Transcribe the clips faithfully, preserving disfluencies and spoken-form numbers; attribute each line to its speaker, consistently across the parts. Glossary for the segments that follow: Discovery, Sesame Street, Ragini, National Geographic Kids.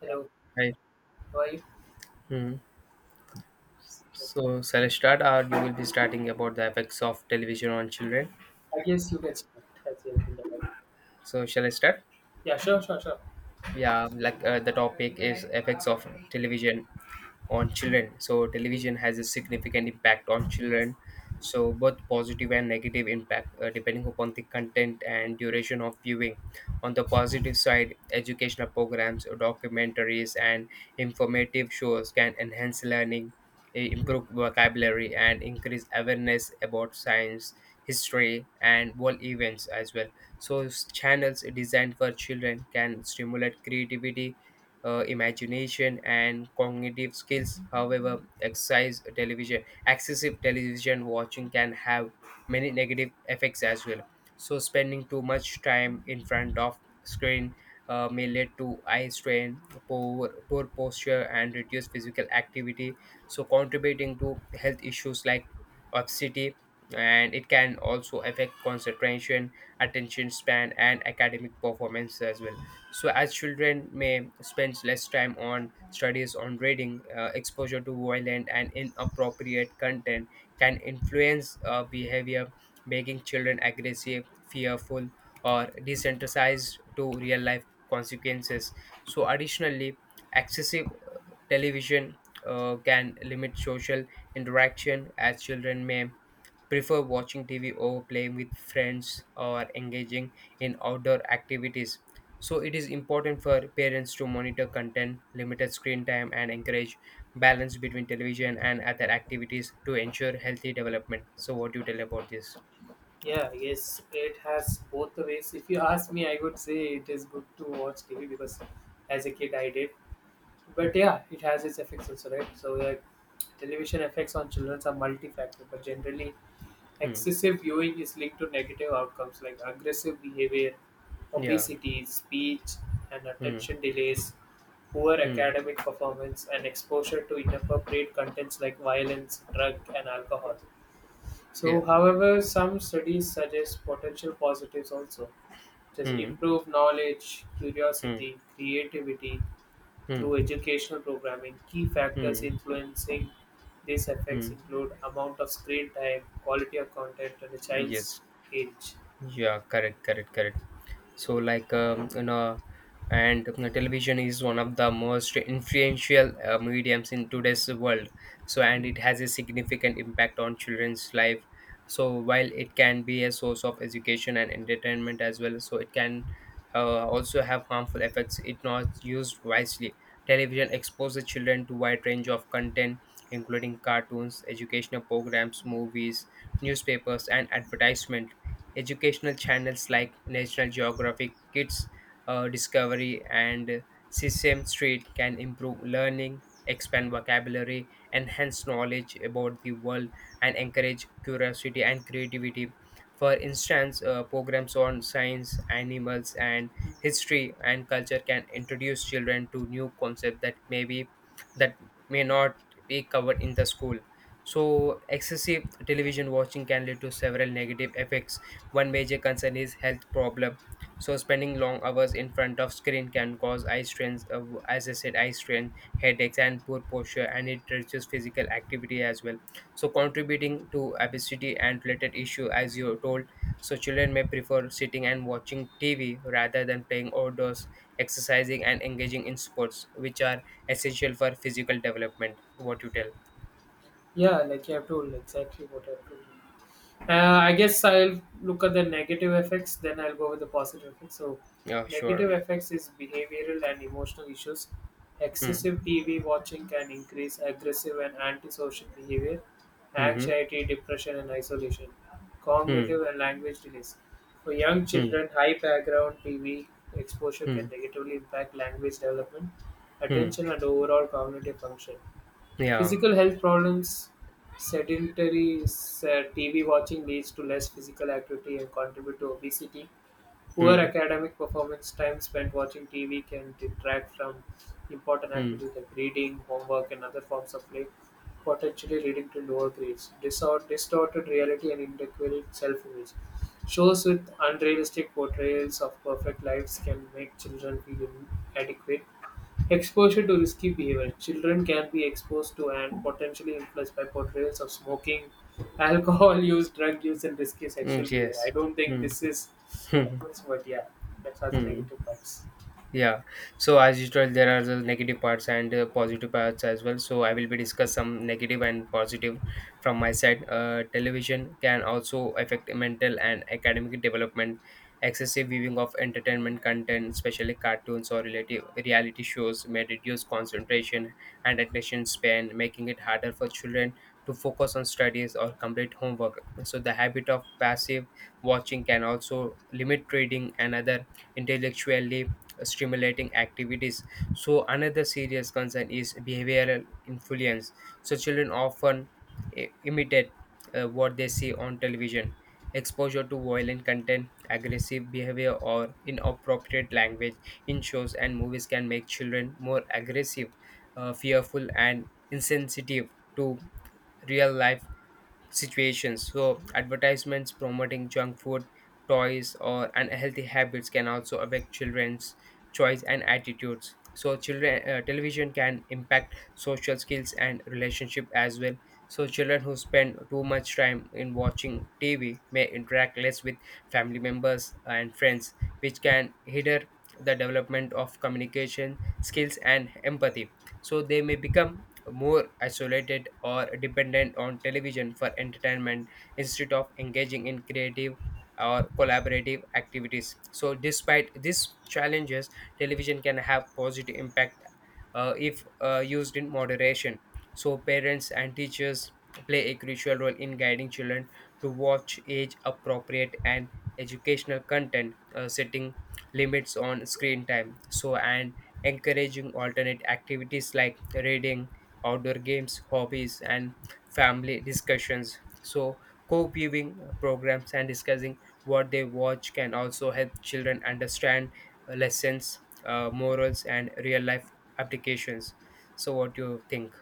Speaker 1: Hello,
Speaker 2: Right.
Speaker 1: how are you?
Speaker 2: Hmm. So shall I start, or you will be starting about the effects of television on children?
Speaker 1: I guess you can start as you can.
Speaker 2: So shall I start?
Speaker 1: Yeah, sure, sure, sure.
Speaker 2: Yeah, like uh, the topic is effects of television on children. So television has a significant impact on children. So both positive and negative impact uh, depending upon the content and duration of viewing. On the positive side, educational programs, documentaries, and informative shows can enhance learning, i-
Speaker 1: Mhm.
Speaker 2: improve vocabulary, and increase awareness about science, history, and world events as well. So s- channels designed for children can stimulate creativity, uh, imagination and cognitive skills. However, exercise television, excessive television watching can have many negative effects as well. So, spending too much time in front of screen uh, may lead to eye strain, poor, poor posture, and reduced physical activity. So, contributing to health issues like obesity, and it can also affect concentration, attention span, and academic performance as well. So, as children may spend less time on studies, on reading, uh, exposure to violent and inappropriate content can influence uh, behavior, making children aggressive, fearful, or desensitized to real life consequences. So, additionally, excessive television uh, can limit social interaction as children may prefer watching T V over playing with friends or engaging in outdoor activities. So, it is important for parents to monitor content, limited screen time, and encourage balance between television and other activities to ensure healthy development. So, what do you tell about this?
Speaker 1: Yeah, I guess it has both the ways. If you ask me, I would say it is good to watch T V because as a kid I did. But
Speaker 2: Hmm.
Speaker 1: yeah, it has its effects also, right? So that television effects on children are multi-factor, but generally
Speaker 2: Hmm.
Speaker 1: excessive viewing is linked to negative outcomes like aggressive behavior,
Speaker 2: Yeah.
Speaker 1: obesity, speech, and
Speaker 2: Hmm.
Speaker 1: attention delays. Poor
Speaker 2: Hmm.
Speaker 1: academic performance and exposure to inappropriate contents like violence, drug, and alcohol. So,
Speaker 2: Yeah.
Speaker 1: however, some studies suggest potential positives also, just
Speaker 2: Hmm.
Speaker 1: improve knowledge,
Speaker 2: Hmm.
Speaker 1: curiosity, creativity
Speaker 2: Hmm.
Speaker 1: through educational programming. Key factors
Speaker 2: Hmm.
Speaker 1: influencing these effects
Speaker 2: Hmm.
Speaker 1: include amount of screen time, quality of content, and the
Speaker 2: Yes.
Speaker 1: child's age.
Speaker 2: Yeah. Correct. Correct. Correct. So like um, you know and you television is one of the most influential uh, mediums in today's world, so and it has a significant impact on children's life. So while it can be a source of education and entertainment as well, so it can uh, also have harmful effects if not used wisely. Television exposes children to wide range of content, including cartoons, educational programs, movies, newspapers, and advertisements. Educational channels like National Geographic Kids, uh, Discovery, and Sesame Street can improve learning, expand vocabulary, enhance knowledge about the world, and encourage curiosity and creativity. For instance, uh, programs on science, animals, and history and culture can introduce children to new concepts that may be that may not be covered in the school. So excessive television watching can lead to several negative effects. One major concern is health problem. So spending long hours in front of screen can cause eye strains, uh, as I said, eye strain, headaches, and poor posture, and it reduces physical activity as well. So contributing to obesity and related issue, as you told. So children may prefer sitting and watching T V rather than playing outdoors, exercising, and engaging in sports, which are essential for physical development. What you tell?
Speaker 1: Yeah, like you have told exactly what I have told. Uh, I guess I'll look at the negative effects, then I'll go with the positive effects. So,
Speaker 2: Yeah,
Speaker 1: negative
Speaker 2: sure.
Speaker 1: effects is behavioral and emotional issues. Excessive
Speaker 2: Hmm.
Speaker 1: T V watching can increase aggressive and antisocial behavior,
Speaker 2: Hmm.
Speaker 1: anxiety, depression, and isolation,
Speaker 2: Hmm.
Speaker 1: cognitive and language delays. For young
Speaker 2: Hmm.
Speaker 1: children, high background T V exposure
Speaker 2: Hmm.
Speaker 1: can negatively impact language development,
Speaker 2: Hmm.
Speaker 1: attention, and overall cognitive function.
Speaker 2: Yeah.
Speaker 1: Physical health problems, sedentary s- uh, T V watching leads to less physical activity and contribute to obesity. Poor
Speaker 2: Hmm.
Speaker 1: academic performance, time spent watching T V can detract from important
Speaker 2: Hmm.
Speaker 1: activities like reading, homework, and other forms of play, potentially leading to lower grades. Disor- distorted reality and inadequate self image. Shows with unrealistic portrayals of perfect lives can make children feel inadequate. Exposure to risky behavior. Children can be exposed to and potentially influenced by portrayals of smoking, alcohol use, drug use, and risky sexual
Speaker 2: Mm,
Speaker 1: behavior. I
Speaker 2: yes.
Speaker 1: don't think
Speaker 2: Hmm.
Speaker 1: this is atmosphere, yeah, that was the
Speaker 2: Hmm. Hmm.
Speaker 1: negative parts.
Speaker 2: Yeah. So as usual, there are the negative parts and uh, positive parts as well. So I will be discuss some negative and positive from my side. Uh, television can also affect mental and academic development. Excessive viewing of entertainment content, especially cartoons or relative reality shows, may reduce concentration and attention span, making it harder for children to focus on studies or complete homework. So the habit of passive watching can also limit reading and other intellectually stimulating activities. So, another serious concern is behavioral influence. So, children often i- imitate uh, what they see on television. Exposure to violent content, aggressive behavior, or inappropriate language in shows and movies can make children more aggressive, uh, fearful, and insensitive to real life situations. So, advertisements promoting junk food, toys, or unhealthy habits can also affect children's choice and attitudes. So, children uh, television can impact social skills and relationship as well. So, children who spend too much time in watching T V may interact less with family members and friends, which can hinder the development of communication skills and empathy. So, they may become more isolated or dependent on television for entertainment instead of engaging in creative or collaborative activities. So, despite these challenges, television can have positive impact uh, if uh, used in moderation. So, parents and teachers play a crucial role in guiding children to watch age appropriate and educational content, uh, setting limits on screen time. So, and encouraging alternate activities like reading, outdoor games, hobbies, and family discussions. So, co viewing programs and discussing what they watch can also help children understand, uh, lessons, uh, morals, and real life applications. So, what do you think?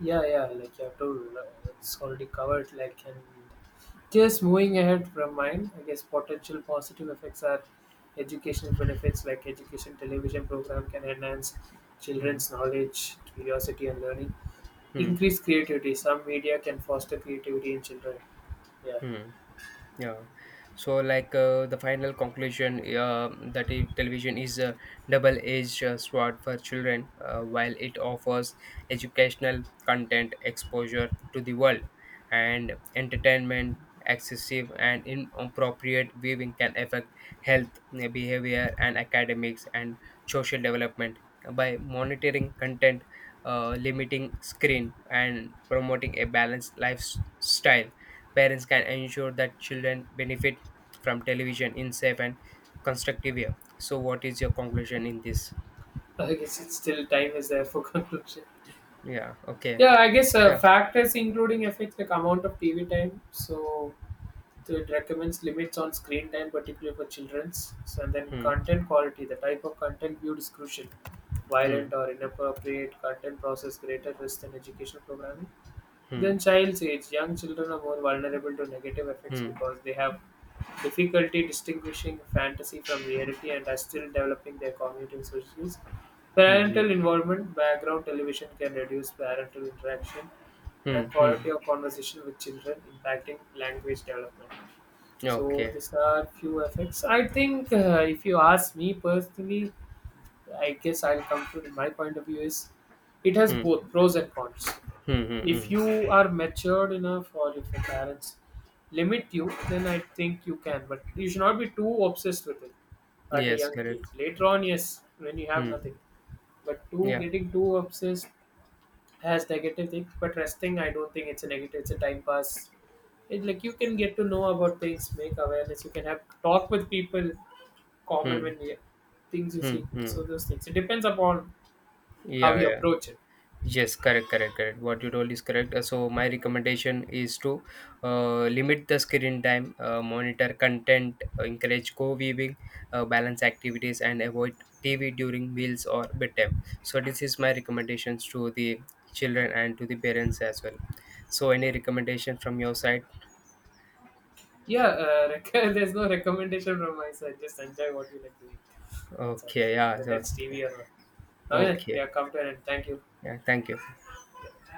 Speaker 1: Yeah, yeah, like you have told, uh, it's already covered. Like, and just moving ahead from mine, I guess potential positive effects are educational benefits, like education television program can enhance
Speaker 2: Hmm.
Speaker 1: children's knowledge, curiosity, and learning.
Speaker 2: Hmm.
Speaker 1: Increase creativity. Some media can foster creativity in children. Yeah.
Speaker 2: Hmm. Yeah. So, like uh, the final conclusion uh, that I- television is a double-edged uh, sword for children. Uh, while it offers educational content, exposure to the world, and entertainment, excessive and inappropriate viewing can affect health, uh, behavior, and academics and social development. By monitoring content, uh, limiting screen, and promoting a balanced lifestyle, parents can ensure that children benefit from television in safe and constructive way. So, what is your conclusion in this?
Speaker 1: I guess it's still time is there for conclusion.
Speaker 2: Yeah. Okay.
Speaker 1: Yeah, I guess uh,
Speaker 2: Yeah.
Speaker 1: factors including effects like amount of T V time. So So it recommends limits on screen time, particularly for children's. So and then
Speaker 2: Hmm.
Speaker 1: content quality, the type of content viewed is crucial.
Speaker 2: Hmm.
Speaker 1: Violent or inappropriate content poses greater risk than educational programming. Then
Speaker 2: Hmm.
Speaker 1: child's age, young children are more vulnerable to negative effects
Speaker 2: Hmm.
Speaker 1: because they have difficulty distinguishing fantasy from reality and are still developing their cognitive skills.
Speaker 2: Hmm.
Speaker 1: Parental involvement, background television can reduce parental interaction
Speaker 2: Hmm.
Speaker 1: and
Speaker 2: Hmm.
Speaker 1: quality
Speaker 2: Hmm.
Speaker 1: of conversation with children, impacting language development. So
Speaker 2: Okay.
Speaker 1: these are few effects. I think uh, if you ask me personally, I guess I'll conclude. My point of view is, it has
Speaker 2: Hmm.
Speaker 1: both pros and cons.
Speaker 2: Hmm. Hmm.
Speaker 1: If
Speaker 2: Hmm.
Speaker 1: you are matured enough, or if your parents limit you, then I think you can. But you should not be too obsessed with it at a
Speaker 2: Yes.
Speaker 1: young
Speaker 2: Correct.
Speaker 1: age. Later on, yes, when you have
Speaker 2: Hmm.
Speaker 1: nothing. But too
Speaker 2: Yeah.
Speaker 1: getting too obsessed has negative things. But resting, I don't think it's a negative. It's a time pass it, like, you can get to know about things, make awareness, you can have talk with people common
Speaker 2: Hmm.
Speaker 1: when you, things you
Speaker 2: Hmm.
Speaker 1: see,
Speaker 2: Hmm.
Speaker 1: so those things it depends upon how
Speaker 2: Yeah.
Speaker 1: you
Speaker 2: Yeah.
Speaker 1: approach it.
Speaker 2: Yes, correct, correct, correct. What you told is correct. Uh, So my recommendation is to uh, limit the screen time, uh, monitor content, uh, encourage co-viewing, uh, balance activities, and avoid T V during meals or bedtime. So this is my recommendations to the children and to the parents as well. So any recommendation from your side?
Speaker 1: Yeah, uh, rec- there's no recommendation from my side, just enjoy what you like doing. That's all,
Speaker 2: Okay, yeah.
Speaker 1: whether
Speaker 2: So,
Speaker 1: it's tv or not. I we
Speaker 2: okay,
Speaker 1: have come to an end, thank you.
Speaker 2: yeah. Thank you.
Speaker 1: Yeah.